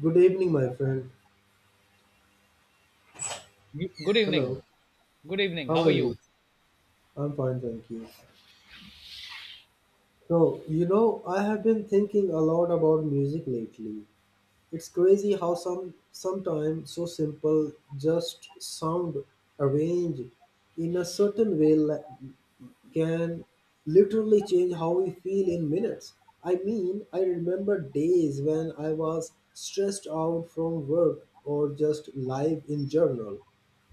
Good evening, my friend. Good Hello. evening. Good evening. How How are are you? you? I'm fine, thank you. So, I have been thinking a lot about music lately. It's crazy how sometimes so simple just sound arranged in a certain way can literally change how we feel in minutes. I mean, I remember days when I was stressed out from work or just life in general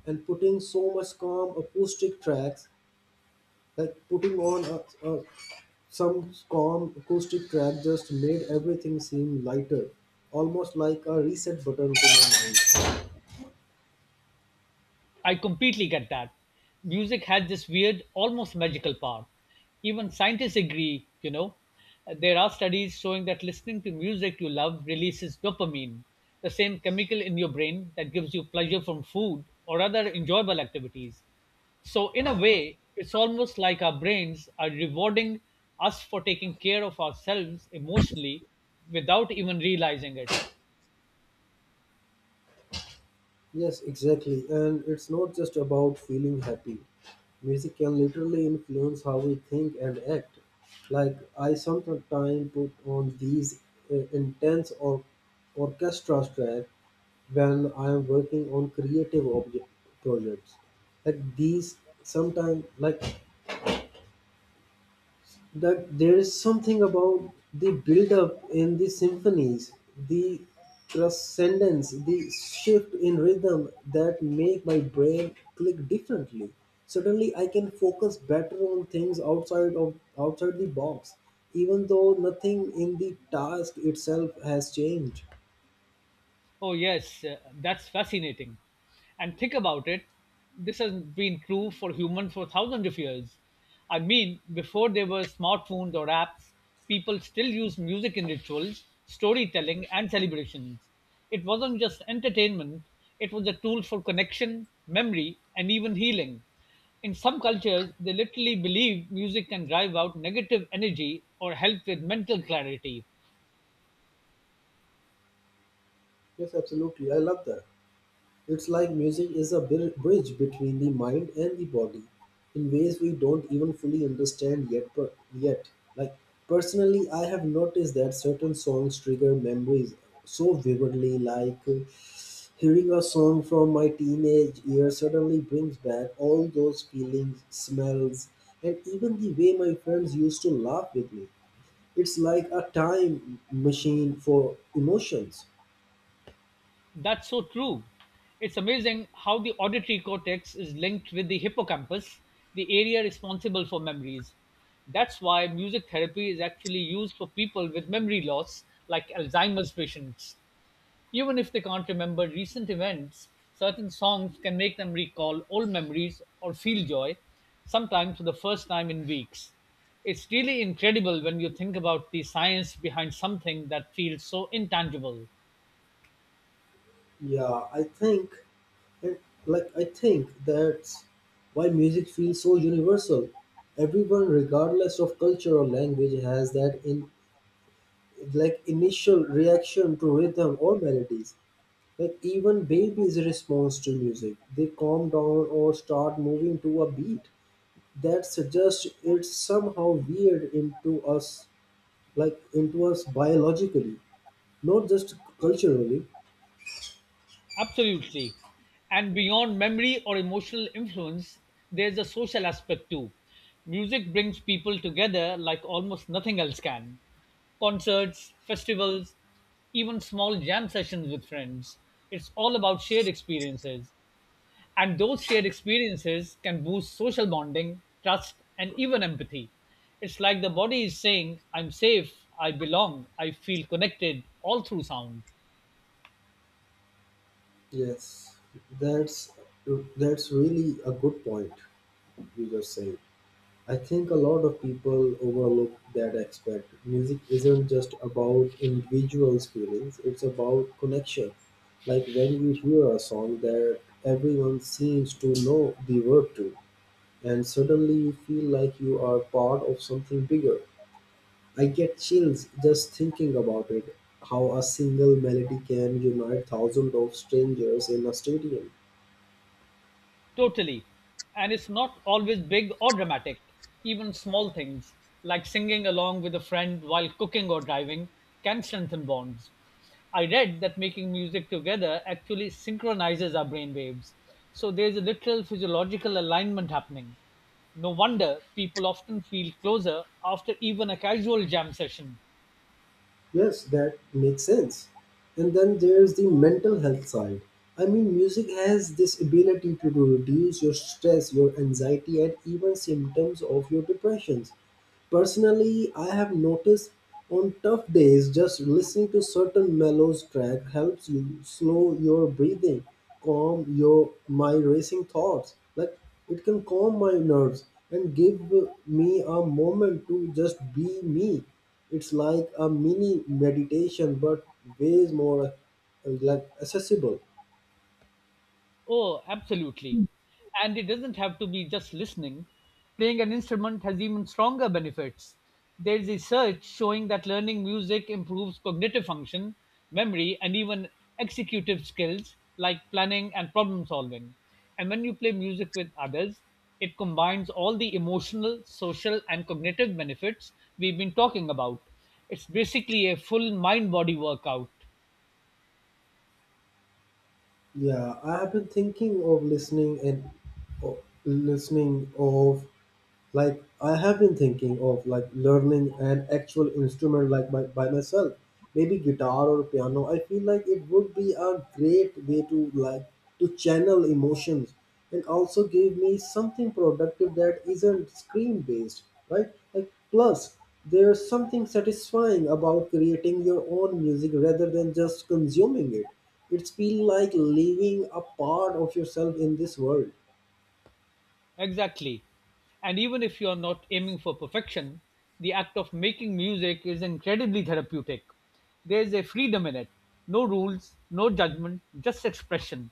and putting so much calm acoustic tracks. Like putting on some calm acoustic track just made everything seem lighter, almost like a reset button to my mind. I completely get that. Music has this weird, almost magical power. Even scientists agree, you know. There are studies showing that listening to music you love releases dopamine, the same chemical in your brain that gives you pleasure from food or other enjoyable activities. So, in a way, it's almost like our brains are rewarding us for taking care of ourselves emotionally without even realizing it. Yes, exactly. And it's not just about feeling happy. Music can literally influence how we think and act. Like I sometimes put on these intense or orchestra track when I am working on creative object projects. Like these sometimes like that there is something about the build up in the symphonies, the transcendence, the shift in rhythm that make my brain click differently. Suddenly I can focus better on things outside the box, even though nothing in the task itself has changed. Oh, yes, that's fascinating. And think about it, this has been true for humans for thousands of years. I mean, before there were smartphones or apps, people still used music in rituals, storytelling, and celebrations. It wasn't just entertainment, it was a tool for connection, memory, and even healing. In some cultures, they literally believe music can drive out negative energy or help with mental clarity. Yes, absolutely. I love that. It's like music is a bridge between the mind and the body in ways we don't even fully understand yet. Yet, like personally, I have noticed that certain songs trigger memories so vividly. Like hearing a song from my teenage years suddenly brings back all those feelings, smells, and even the way my friends used to laugh with me. It's like a time machine for emotions. That's so true. It's amazing how the auditory cortex is linked with the hippocampus, the area responsible for memories. That's why music therapy is actually used for people with memory loss, like Alzheimer's patients. Even if they can't remember recent events, certain songs can make them recall old memories or feel joy, sometimes for the first time in weeks. It's really incredible when you think about the science behind something that feels so intangible. Yeah, And, I think that's why music feels so universal. Everyone, regardless of culture or language, has that in like initial reaction to rhythm or melodies. Like even babies response to music. They calm down or start moving to a beat that suggests it's somehow weird into us biologically, not just culturally. Absolutely. And beyond memory or emotional influence, there's a social aspect too. Music brings people together like almost nothing else can. Concerts, festivals, even small jam sessions with friends. It's all about shared experiences. And those shared experiences can boost social bonding, trust, and even empathy. It's like the body is saying, I'm safe, I belong, I feel connected, all through sound. Yes, that's that's really a good point. User said. I think a lot of people overlook that aspect. Music isn't just about individuals' feelings, it's about connection. Like when you hear a song that everyone seems to know the word to, and suddenly you feel like you are part of something bigger. I get chills just thinking about it how a single melody can unite thousands of strangers in a stadium. Totally. And it's not always big or dramatic. Even small things, like singing along with a friend while cooking or driving, can strengthen bonds. I read that making music together actually synchronizes our brain waves. So there's a literal physiological alignment happening. No wonder people often feel closer after even a casual jam session. Yes, that makes sense. And then there's the mental health side. I mean, music has this ability to reduce your stress, your anxiety, and even symptoms of your depressions. Personally, I have noticed on tough days just listening to certain mellow track helps you slow your breathing, calm your my racing thoughts. Like it can calm my nerves and give me a moment to just be me. It's like a mini meditation but ways more like accessible. Oh, absolutely. And it doesn't have to be just listening. Playing an instrument has even stronger benefits. There is research showing that learning music improves cognitive function, memory, and even executive skills like planning and problem solving. And when you play music with others, it combines all the emotional, social, and cognitive benefits we've been talking about. It's basically a full mind body workout. Yeah, I have been thinking of listening and uh, listening of Like I have been thinking of like learning an actual instrument like by myself, maybe guitar or piano. I feel like it would be a great way to channel emotions and also give me something productive that isn't screen based, right? Like plus there's something satisfying about creating your own music rather than just consuming it. It's feel like living a part of yourself in this world. Exactly. And even if you are not aiming for perfection, the act of making music is incredibly therapeutic. There's a freedom in it. No rules, no judgment, just expression.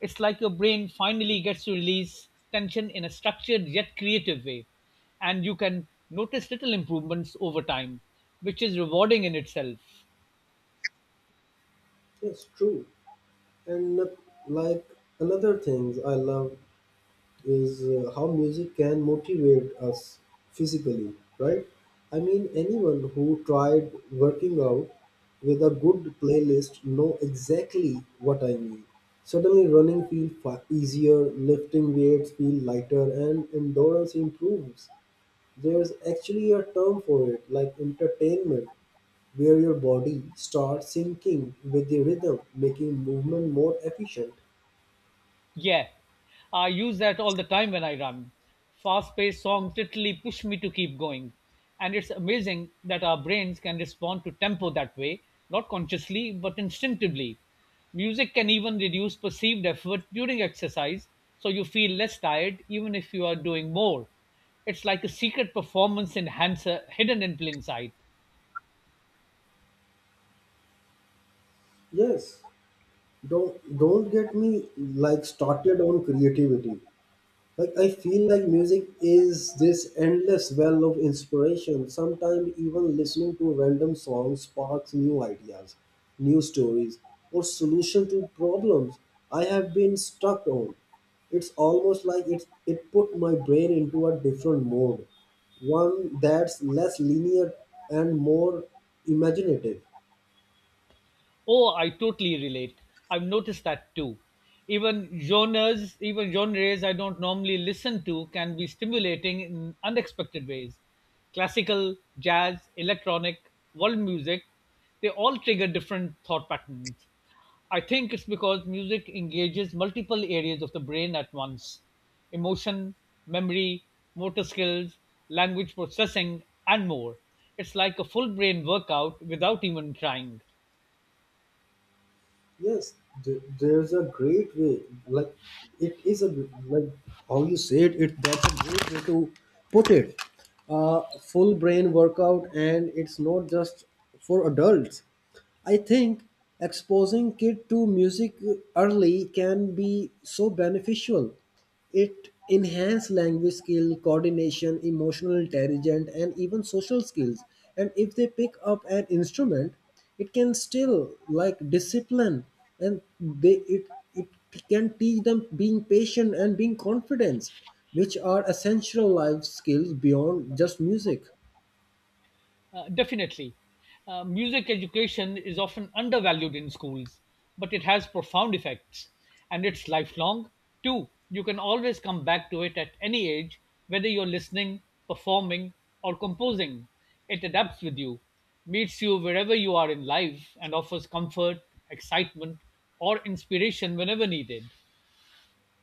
It's like your brain finally gets to release tension in a structured yet creative way. And you can notice little improvements over time, which is rewarding in itself. Yes, true. And like another thing I love is how music can motivate us physically, right? I mean, anyone who tried working out with a good playlist know exactly what I mean. Suddenly, running feels easier, lifting weights feel lighter, and endurance improves. There's actually a term for it, like entertainment, where your body starts syncing with the rhythm, making movement more efficient. Yeah, I use that all the time when I run. Fast paced songs literally push me to keep going. And it's amazing that our brains can respond to tempo that way, not consciously, but instinctively. Music can even reduce perceived effort during exercise, so you feel less tired even if you are doing more. It's like a secret performance enhancer hidden in plain sight. Yes, don't get me like started on creativity. Like I feel like music is this endless well of inspiration. Sometimes even listening to random songs sparks new ideas, new stories, or solution to problems I have been stuck on. It's almost like it put my brain into a different mode, one that's less linear and more imaginative. Oh, I totally relate. I've noticed that too. Even genres I don't normally listen to can be stimulating in unexpected ways. Classical, jazz, electronic, world music, they all trigger different thought patterns. I think it's because music engages multiple areas of the brain at once emotion, memory, motor skills, language processing, and more. It's like a full brain workout without even trying. Yes, there's a great way. Like it is a like how you said it. That's a great way to put it. Full brain workout, and it's not just for adults. I think exposing kid to music early can be so beneficial. It enhances language skill, coordination, emotional intelligence, and even social skills. And if they pick up an instrument, it can still like discipline, and they it it can teach them being patient and being confident, which are essential life skills beyond just music. Definitely. Music education is often undervalued in schools, but it has profound effects and it's lifelong too. You can always come back to it at any age, whether you're listening, performing, or composing. It adapts with you, meets you wherever you are in life, and offers comfort, excitement, or inspiration whenever needed.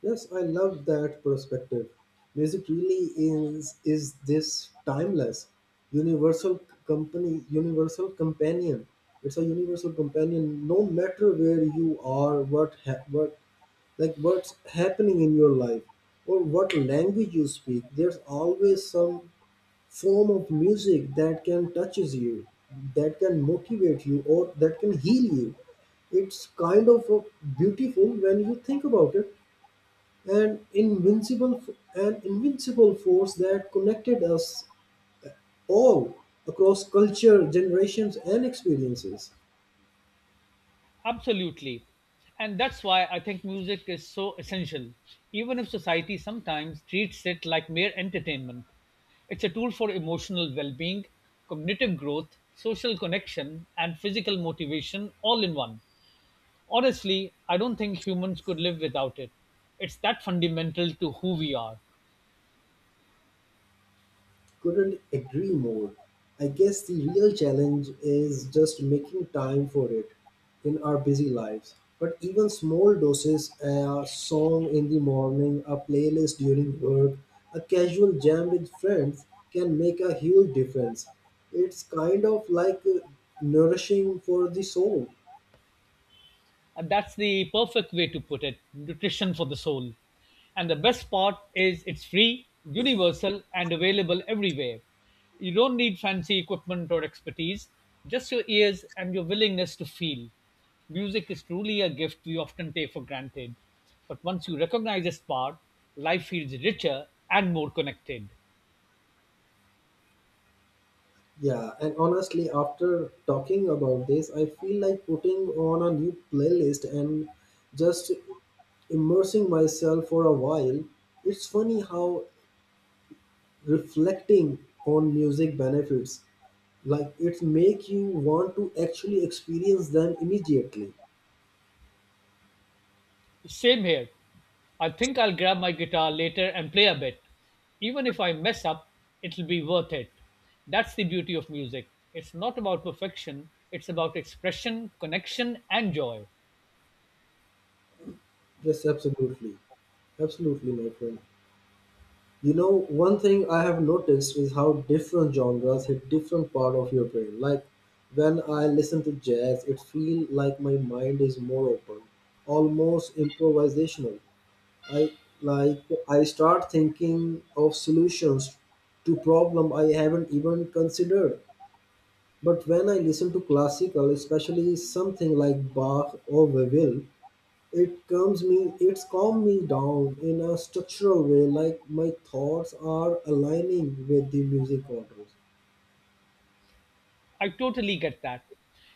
Yes, I love that perspective. Music really is this timeless, universal universal companion. It's a universal companion, no matter where you are, what's happening in your life or what language you speak. There's always some form of music that can touches you, that can motivate you, or that can heal you. It's kind of beautiful when you think about it, an invincible an invincible force that connected us all across culture generations and experiences. Absolutely. And that's why I think music is so essential, even if society sometimes treats it like mere entertainment. It's a tool for emotional well being, cognitive growth, social connection, and physical motivation all in one. Honestly, I don't think humans could live without it. It's that fundamental to who we are. Couldn't agree more. I guess the real challenge is just making time for it in our busy lives, but even small doses, a song in the morning, a playlist during work, a casual jam with friends, can make a huge difference. It's kind of like nourishing for the soul. And that's the perfect way to put it, nutrition for the soul. And the best part is it's free, universal, and available everywhere. You don't need fancy equipment or expertise, just your ears and your willingness to feel. Music is truly a gift we often take for granted. But once you recognize its power, life feels richer and more connected. Yeah, and honestly, after talking about this, I feel like putting on a new playlist and just immersing myself for a while. It's funny how reflecting on music benefits, like it make you want to actually experience them immediately. Same here. I think I'll grab my guitar later and play a bit. Even if I mess up, it'll be worth it. That's the beauty of music. It's not about perfection, it's about expression, connection, and joy. Yes, absolutely, absolutely, my friend. One thing I have noticed is how different genres hit different part of your brain. Like when I listen to jazz, it feels like my mind is more open, almost improvisational. I like I start thinking of solutions to problem I haven't even considered. But when I listen to classical, especially something like Bach or Vivaldi, it's calmed me down in a structural way, like my thoughts are aligning with the music orders. I totally get that.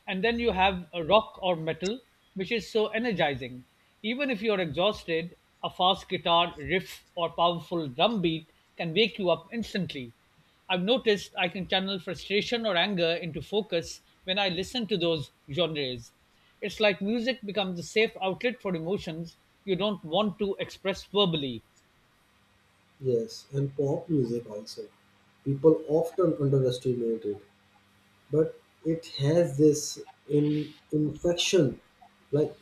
And then you have a rock or metal, which is so energizing. Even if you're exhausted, a fast guitar riff or powerful drum beat can wake you up instantly. I've noticed I can channel frustration or anger into focus when I listen to those genres. It's like music becomes a safe outlet for emotions you don't want to express verbally. Yes, and pop music also. People often underestimate it, but it has this in infection, like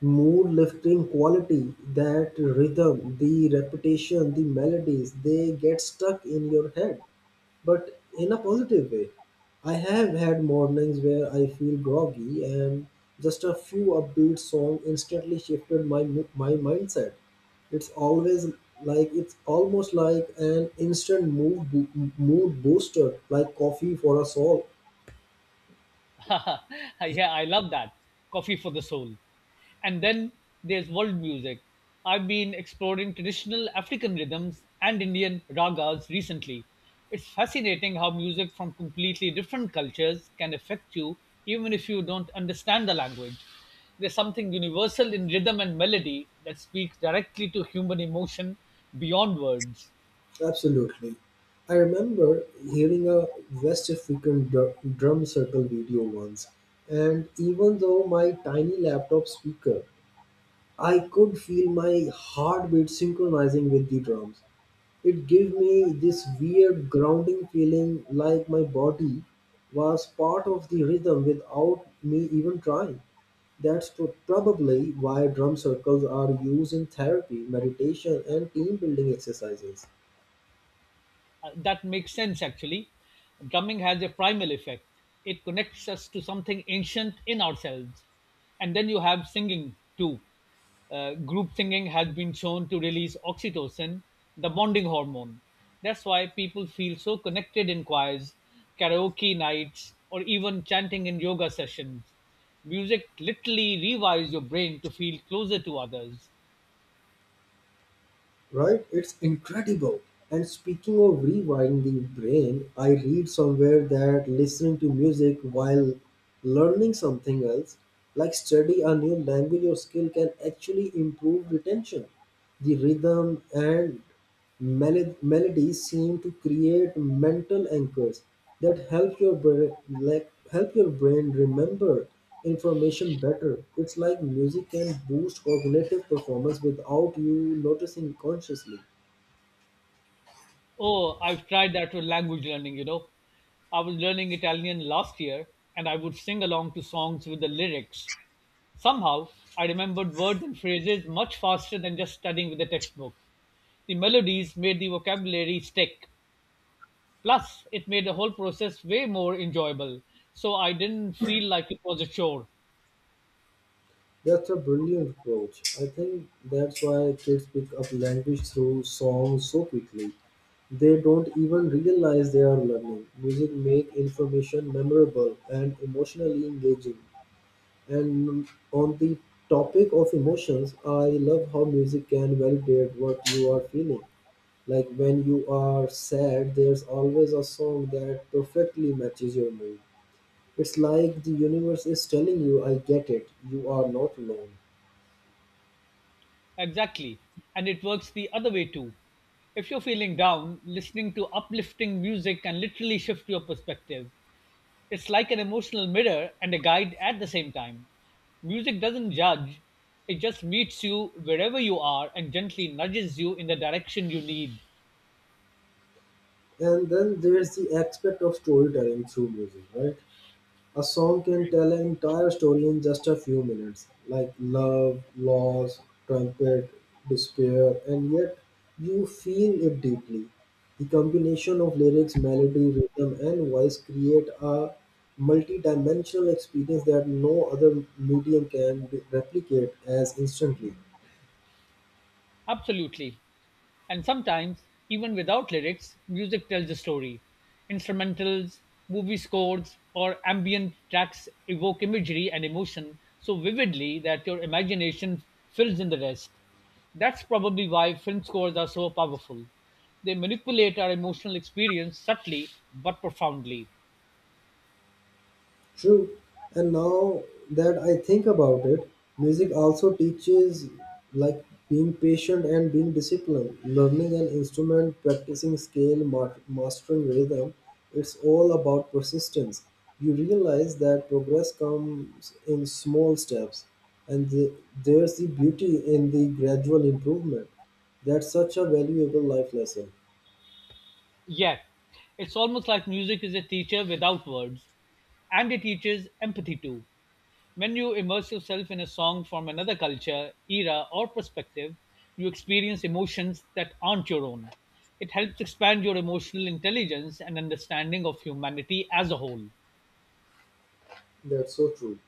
mood lifting quality, that rhythm, the repetition, the melodies, they get stuck in your head, but in a positive way. I have had mornings where I feel groggy, and just a few upbeat song instantly shifted my mindset. It's always it's almost like an instant mood booster, like coffee for a soul. Yeah, I love that. Coffee for the soul. And then there's world music. I've been exploring traditional African rhythms and Indian ragas recently. It's fascinating how music from completely different cultures can affect you even if you don't understand the language. There's something universal in rhythm and melody that speaks directly to human emotion beyond words. Absolutely. I remember hearing a West African drum circle video once, and even though my tiny laptop speaker, I could feel my heartbeat synchronizing with the drums. It gave me this weird grounding feeling like my body was part of the rhythm without me even trying. That's probably why drum circles are used in therapy, meditation, and team building exercises. That makes sense, actually. Drumming has a primal effect, it connects us to something ancient in ourselves. And then you have singing, too. Group singing has been shown to release oxytocin, the bonding hormone. That's why people feel so connected in choirs, karaoke nights, or even chanting in yoga sessions. Music literally rewires your brain to feel closer to others. Right? It's incredible. And speaking of rewinding brain, I read somewhere that listening to music while learning something else, like study a new language or skill, can actually improve retention. The rhythm and melodies seem to create mental anchors that help your brain remember information better. It's like music can boost cognitive performance without you noticing consciously. Oh, I've tried that with language learning, you know. I was learning Italian last year and I would sing along to songs with the lyrics. Somehow, I remembered words and phrases much faster than just studying with a textbook. The melodies made the vocabulary stick. Plus, it made the whole process way more enjoyable. So I didn't feel like it was a chore. That's a brilliant approach. I think that's why kids pick up language through songs so quickly. They don't even realize they are learning. Music make information memorable and emotionally engaging. And on the topic of emotions, I love how music can validate what you are feeling. Like when you are sad, there's always a song that perfectly matches your mood. It's like the universe is telling you, I get it, you are not alone. Exactly. And it works the other way too. If you're feeling down, listening to uplifting music can literally shift your perspective. It's like an emotional mirror and a guide at the same time. Music doesn't judge, it just meets you wherever you are and gently nudges you in the direction you need. And then there's the aspect of storytelling through music, right? A song can tell an entire story in just a few minutes, like love, loss, trumpet, despair, and yet you feel it deeply. The combination of lyrics, melody, rhythm, and voice create a multi-dimensional experience that no other medium can replicate as instantly. Absolutely. And sometimes, even without lyrics, music tells a story. Instrumentals, movie scores, or ambient tracks evoke imagery and emotion so vividly that your imagination fills in the rest. That's probably why film scores are so powerful. They manipulate our emotional experience subtly but profoundly. True. And now that I think about it, music also teaches like being patient and being disciplined, learning an instrument, practicing scale, mastering rhythm. It's all about persistence. You realize that progress comes in small steps, and there's the beauty in the gradual improvement. That's such a valuable life lesson. Yeah, it's almost like music is a teacher without words, and it teaches empathy too. When you immerse yourself in a song from another culture, era, or perspective, you experience emotions that aren't your own. It helps expand your emotional intelligence and understanding of humanity as a whole. That's so true.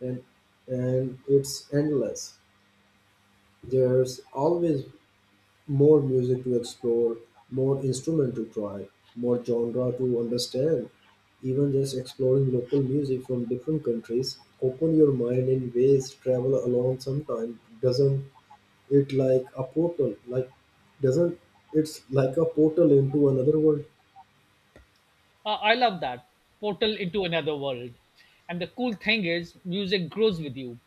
And and it's endless. There's always more music to explore, more instrument to try, more genre to understand. Even just exploring local music from different countries open your mind in ways travel alone sometime doesn't. It like a portal like doesn't it's like a portal into another world. I love that portal into another world. And the cool thing is, music grows with you.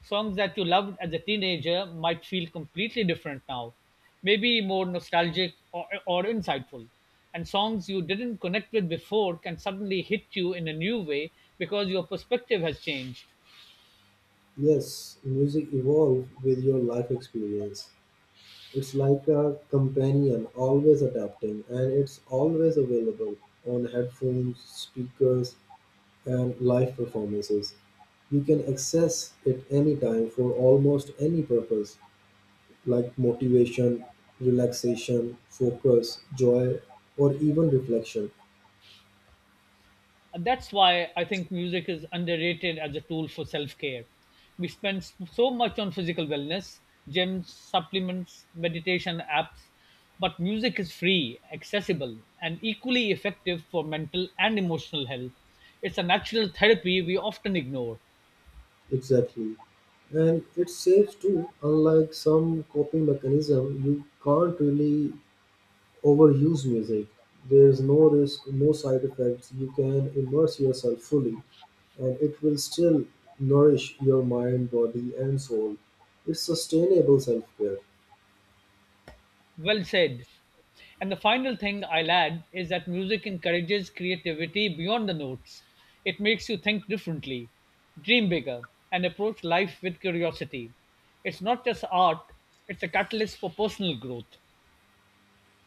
Songs that you loved as a teenager might feel completely different now, maybe more nostalgic or insightful. And songs you didn't connect with before can suddenly hit you in a new way because your perspective has changed. Yes, music evolves with your life experience. It's like a companion always adapting, and it's always available on headphones, speakers, and live performances. You can access it anytime for almost any purpose, like motivation, relaxation, focus, joy, or even reflection. And that's why I think music is underrated as a tool for self care. We spend so much on physical wellness, gyms, supplements, meditation apps, but music is free, accessible, and equally effective for mental and emotional health. It's a natural therapy we often ignore. Exactly. And it's safe too. Unlike some coping mechanism, you can't really overuse music. There's no risk, no side effects. You can immerse yourself fully, and it will still nourish your mind, body, and soul. It's sustainable self care. Well said. And the final thing I'll add is that music encourages creativity beyond the notes. It makes you think differently, dream bigger, and approach life with curiosity. It's not just art, it's a catalyst for personal growth.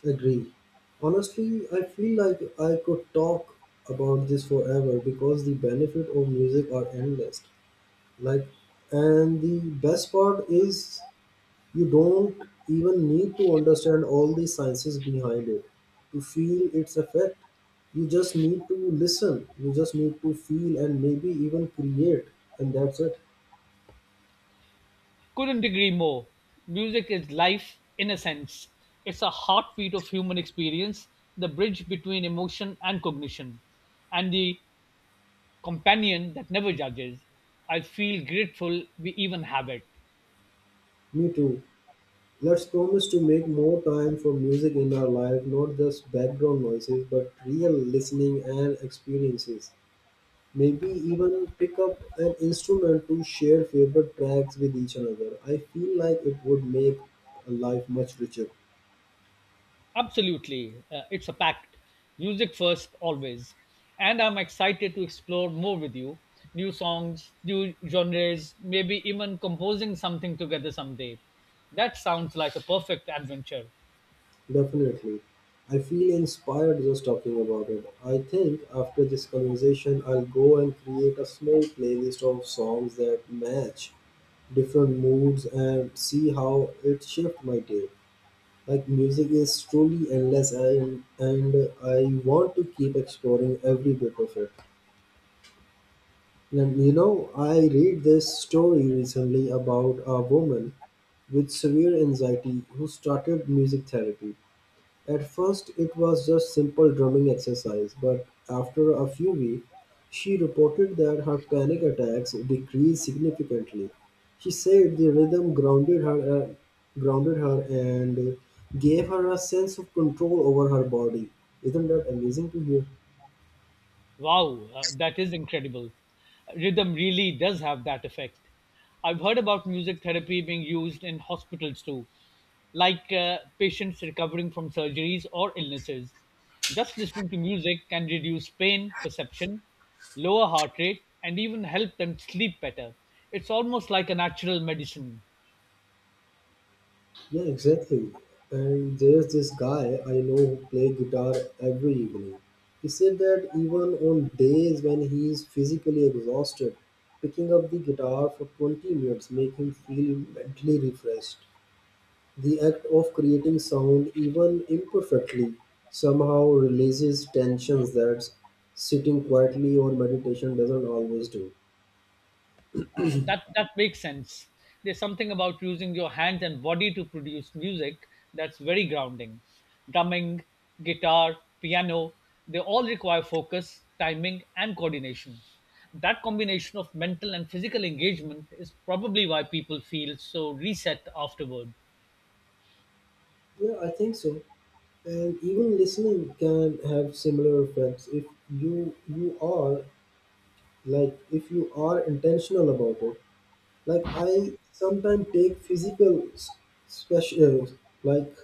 Agree. Honestly, I feel like I could talk about this forever because the benefit of music are endless. Like, and the best part is you don't even need to understand all the sciences behind it to feel its effect. You just need to listen. You just need to feel and maybe even create, and that's it. Couldn't agree more. Music is life in a sense. It's a heartbeat of human experience, the bridge between emotion and cognition, and the companion that never judges. I feel grateful we even have it. Me too. Let's promise to make more time for music in our life, not just background noises, but real listening and experiences. Maybe even pick up an instrument to share favorite tracks with each another. I feel like it would make a life much richer. Absolutely. It's a pact. Music first, always. And I'm excited to explore more with you, new songs, new genres, maybe even composing something together someday. That sounds like a perfect adventure. Definitely. I feel inspired just talking about it. I think after this conversation, I'll go and create a small playlist of songs that match different moods and see how it shifts my day. Like music is truly endless, and I want to keep exploring every bit of it. And you know, I read this story recently about a woman with severe anxiety who started music therapy. At first it was just simple drumming exercise, but after a few weeks, she reported that her panic attacks decreased significantly. She said the rhythm grounded her and gave her a sense of control over her body. Isn't that amazing to hear? Wow, that is incredible. Rhythm really does have that effect. I've heard about music therapy being used in hospitals too, like patients recovering from surgeries or illnesses. Just listening to music can reduce pain perception, lower heart rate, and even help them sleep better. It's almost like a natural medicine. Yeah, exactly. And there's this guy I know who plays guitar every evening. He said that even on days when he is physically exhausted, picking up the guitar for 20 minutes make him feel mentally refreshed. The act of creating sound, even imperfectly, somehow releases tensions that sitting quietly or meditation doesn't always do. That makes sense. There's something about using your hands and body to produce music that's very grounding. Drumming, guitar, piano, they all require focus, timing, and coordination. That combination of mental and physical engagement is probably why people feel so reset afterward. Yeah, I think so. And even listening can have similar effects if you are like if you are intentional about it, like I sometimes take physical special, like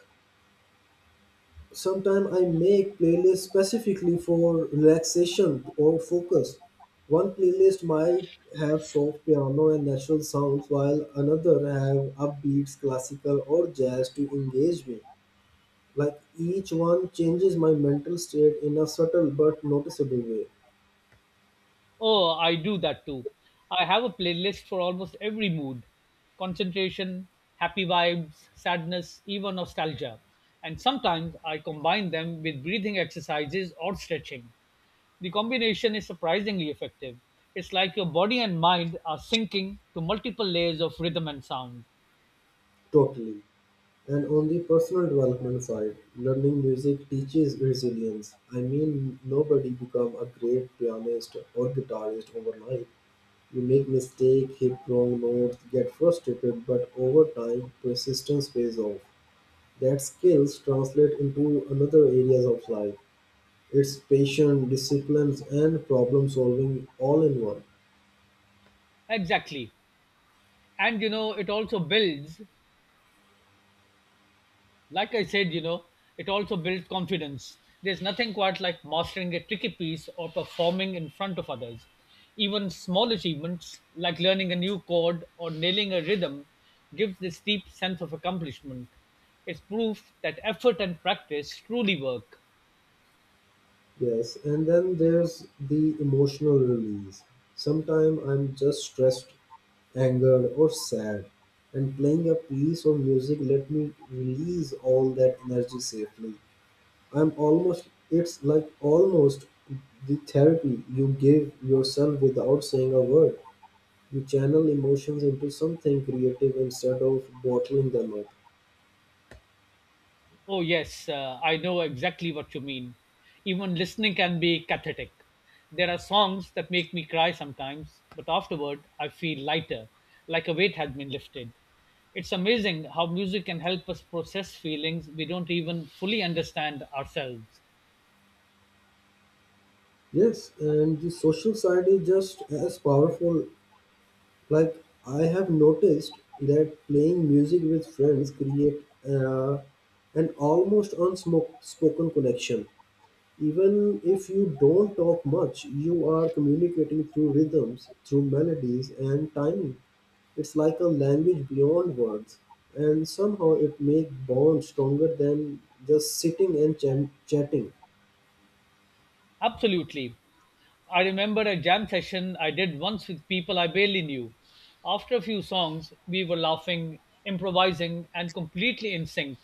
sometimes I make playlists specifically for relaxation or focus. One playlist might have soft piano and natural sounds while another have upbeats classical or jazz to engage me, like each one changes my mental state in a subtle but noticeable way. Oh, I do that too. I have a playlist for almost every mood, concentration, happy vibes, sadness, even nostalgia. And sometimes I combine them with breathing exercises or stretching. The combination is surprisingly effective. It's like your body and mind are syncing to multiple layers of rhythm and sound. Totally. And on the personal development side, learning music teaches resilience. I mean, nobody become a great pianist or guitarist overnight. You make mistake, hit wrong notes, get frustrated, but over time, persistence pays off. That skills translate into another areas of life. It's patience, disciplines, and problem solving all in one. Exactly. And you know, it also builds, like I said, you know, it also builds confidence. There's nothing quite like mastering a tricky piece or performing in front of others. Even small achievements, like learning a new chord or nailing a rhythm, gives this deep sense of accomplishment. It's proof that effort and practice truly work. Yes, and then there's the emotional release. Sometimes I'm just stressed, angered or sad, and playing a piece of music let me release all that energy safely. I'm almost, it's like almost the therapy you give yourself without saying a word. You channel emotions into something creative instead of bottling them up. Oh, yes, I know exactly what you mean. Even listening can be cathartic. There are songs that make me cry sometimes, but afterward I feel lighter, like a weight had been lifted. It's amazing how music can help us process feelings we don't even fully understand ourselves. Yes, and the social side is just as powerful. Like I have noticed that playing music with friends create uh, an almost unspoken connection. Even if you don't talk much, you are communicating through rhythms, through melodies, and timing. It's like a language beyond words, and somehow it makes bonds stronger than just sitting and chatting. Absolutely. I remember a jam session I did once with people I barely knew. After a few songs, we were laughing, improvising, and completely in sync.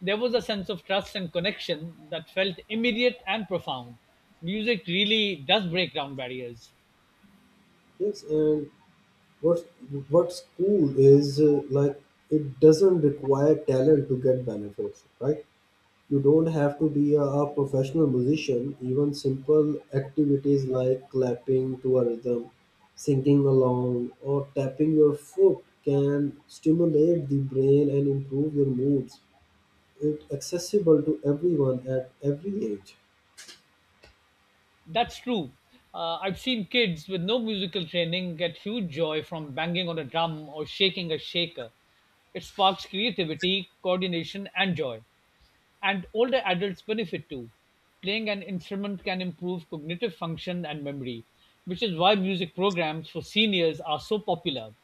There was a sense of trust and connection that felt immediate and profound. Music really does break down barriers. Yes, and what's what's cool is, like, it doesn't require talent to get benefits, right? You don't have to be a professional musician. Even simple activities like clapping to a rhythm, singing along, or tapping your foot can stimulate the brain and improve your moods. It's accessible to everyone at every age. That's true. I've seen kids with no musical training get huge joy from banging on a drum or shaking a shaker. It sparks creativity, coordination, and joy. And older adults benefit too. Playing an instrument can improve cognitive function and memory, which is why music programs for seniors are so popular.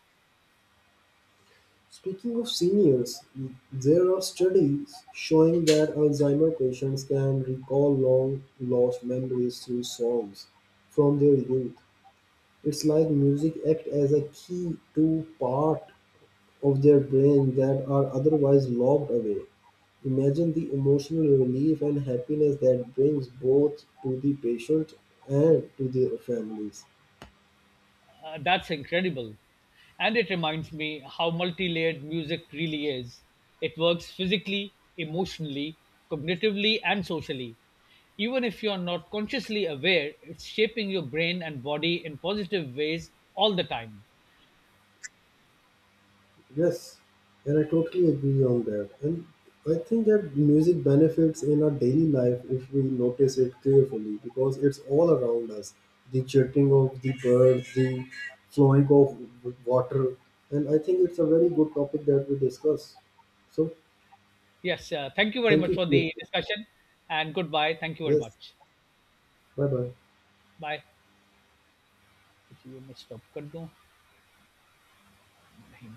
Speaking of seniors, there are studies showing that Alzheimer patients can recall long lost memories through songs from their youth. It's like music acts as a key to part of their brain that are otherwise locked away. Imagine the emotional relief and happiness that brings both to the patient and to their families. That's incredible. And it reminds me how multi layered music really is. It works physically, emotionally, cognitively, and socially. Even if you're not consciously aware, it's shaping your brain and body in positive ways all the time. Yes, and I totally agree on that. And I think that music benefits in our daily life if we notice it carefully because it's all around us. The chirping of the birds, the flowing of water. And I think it's a very good topic that we discuss. So Yes, thank you very thank much you for for your. the discussion and goodbye. Thank you very Yes, much. bye bye. Bye. अच्छा, ये मैं stop कर दूं? नहीं।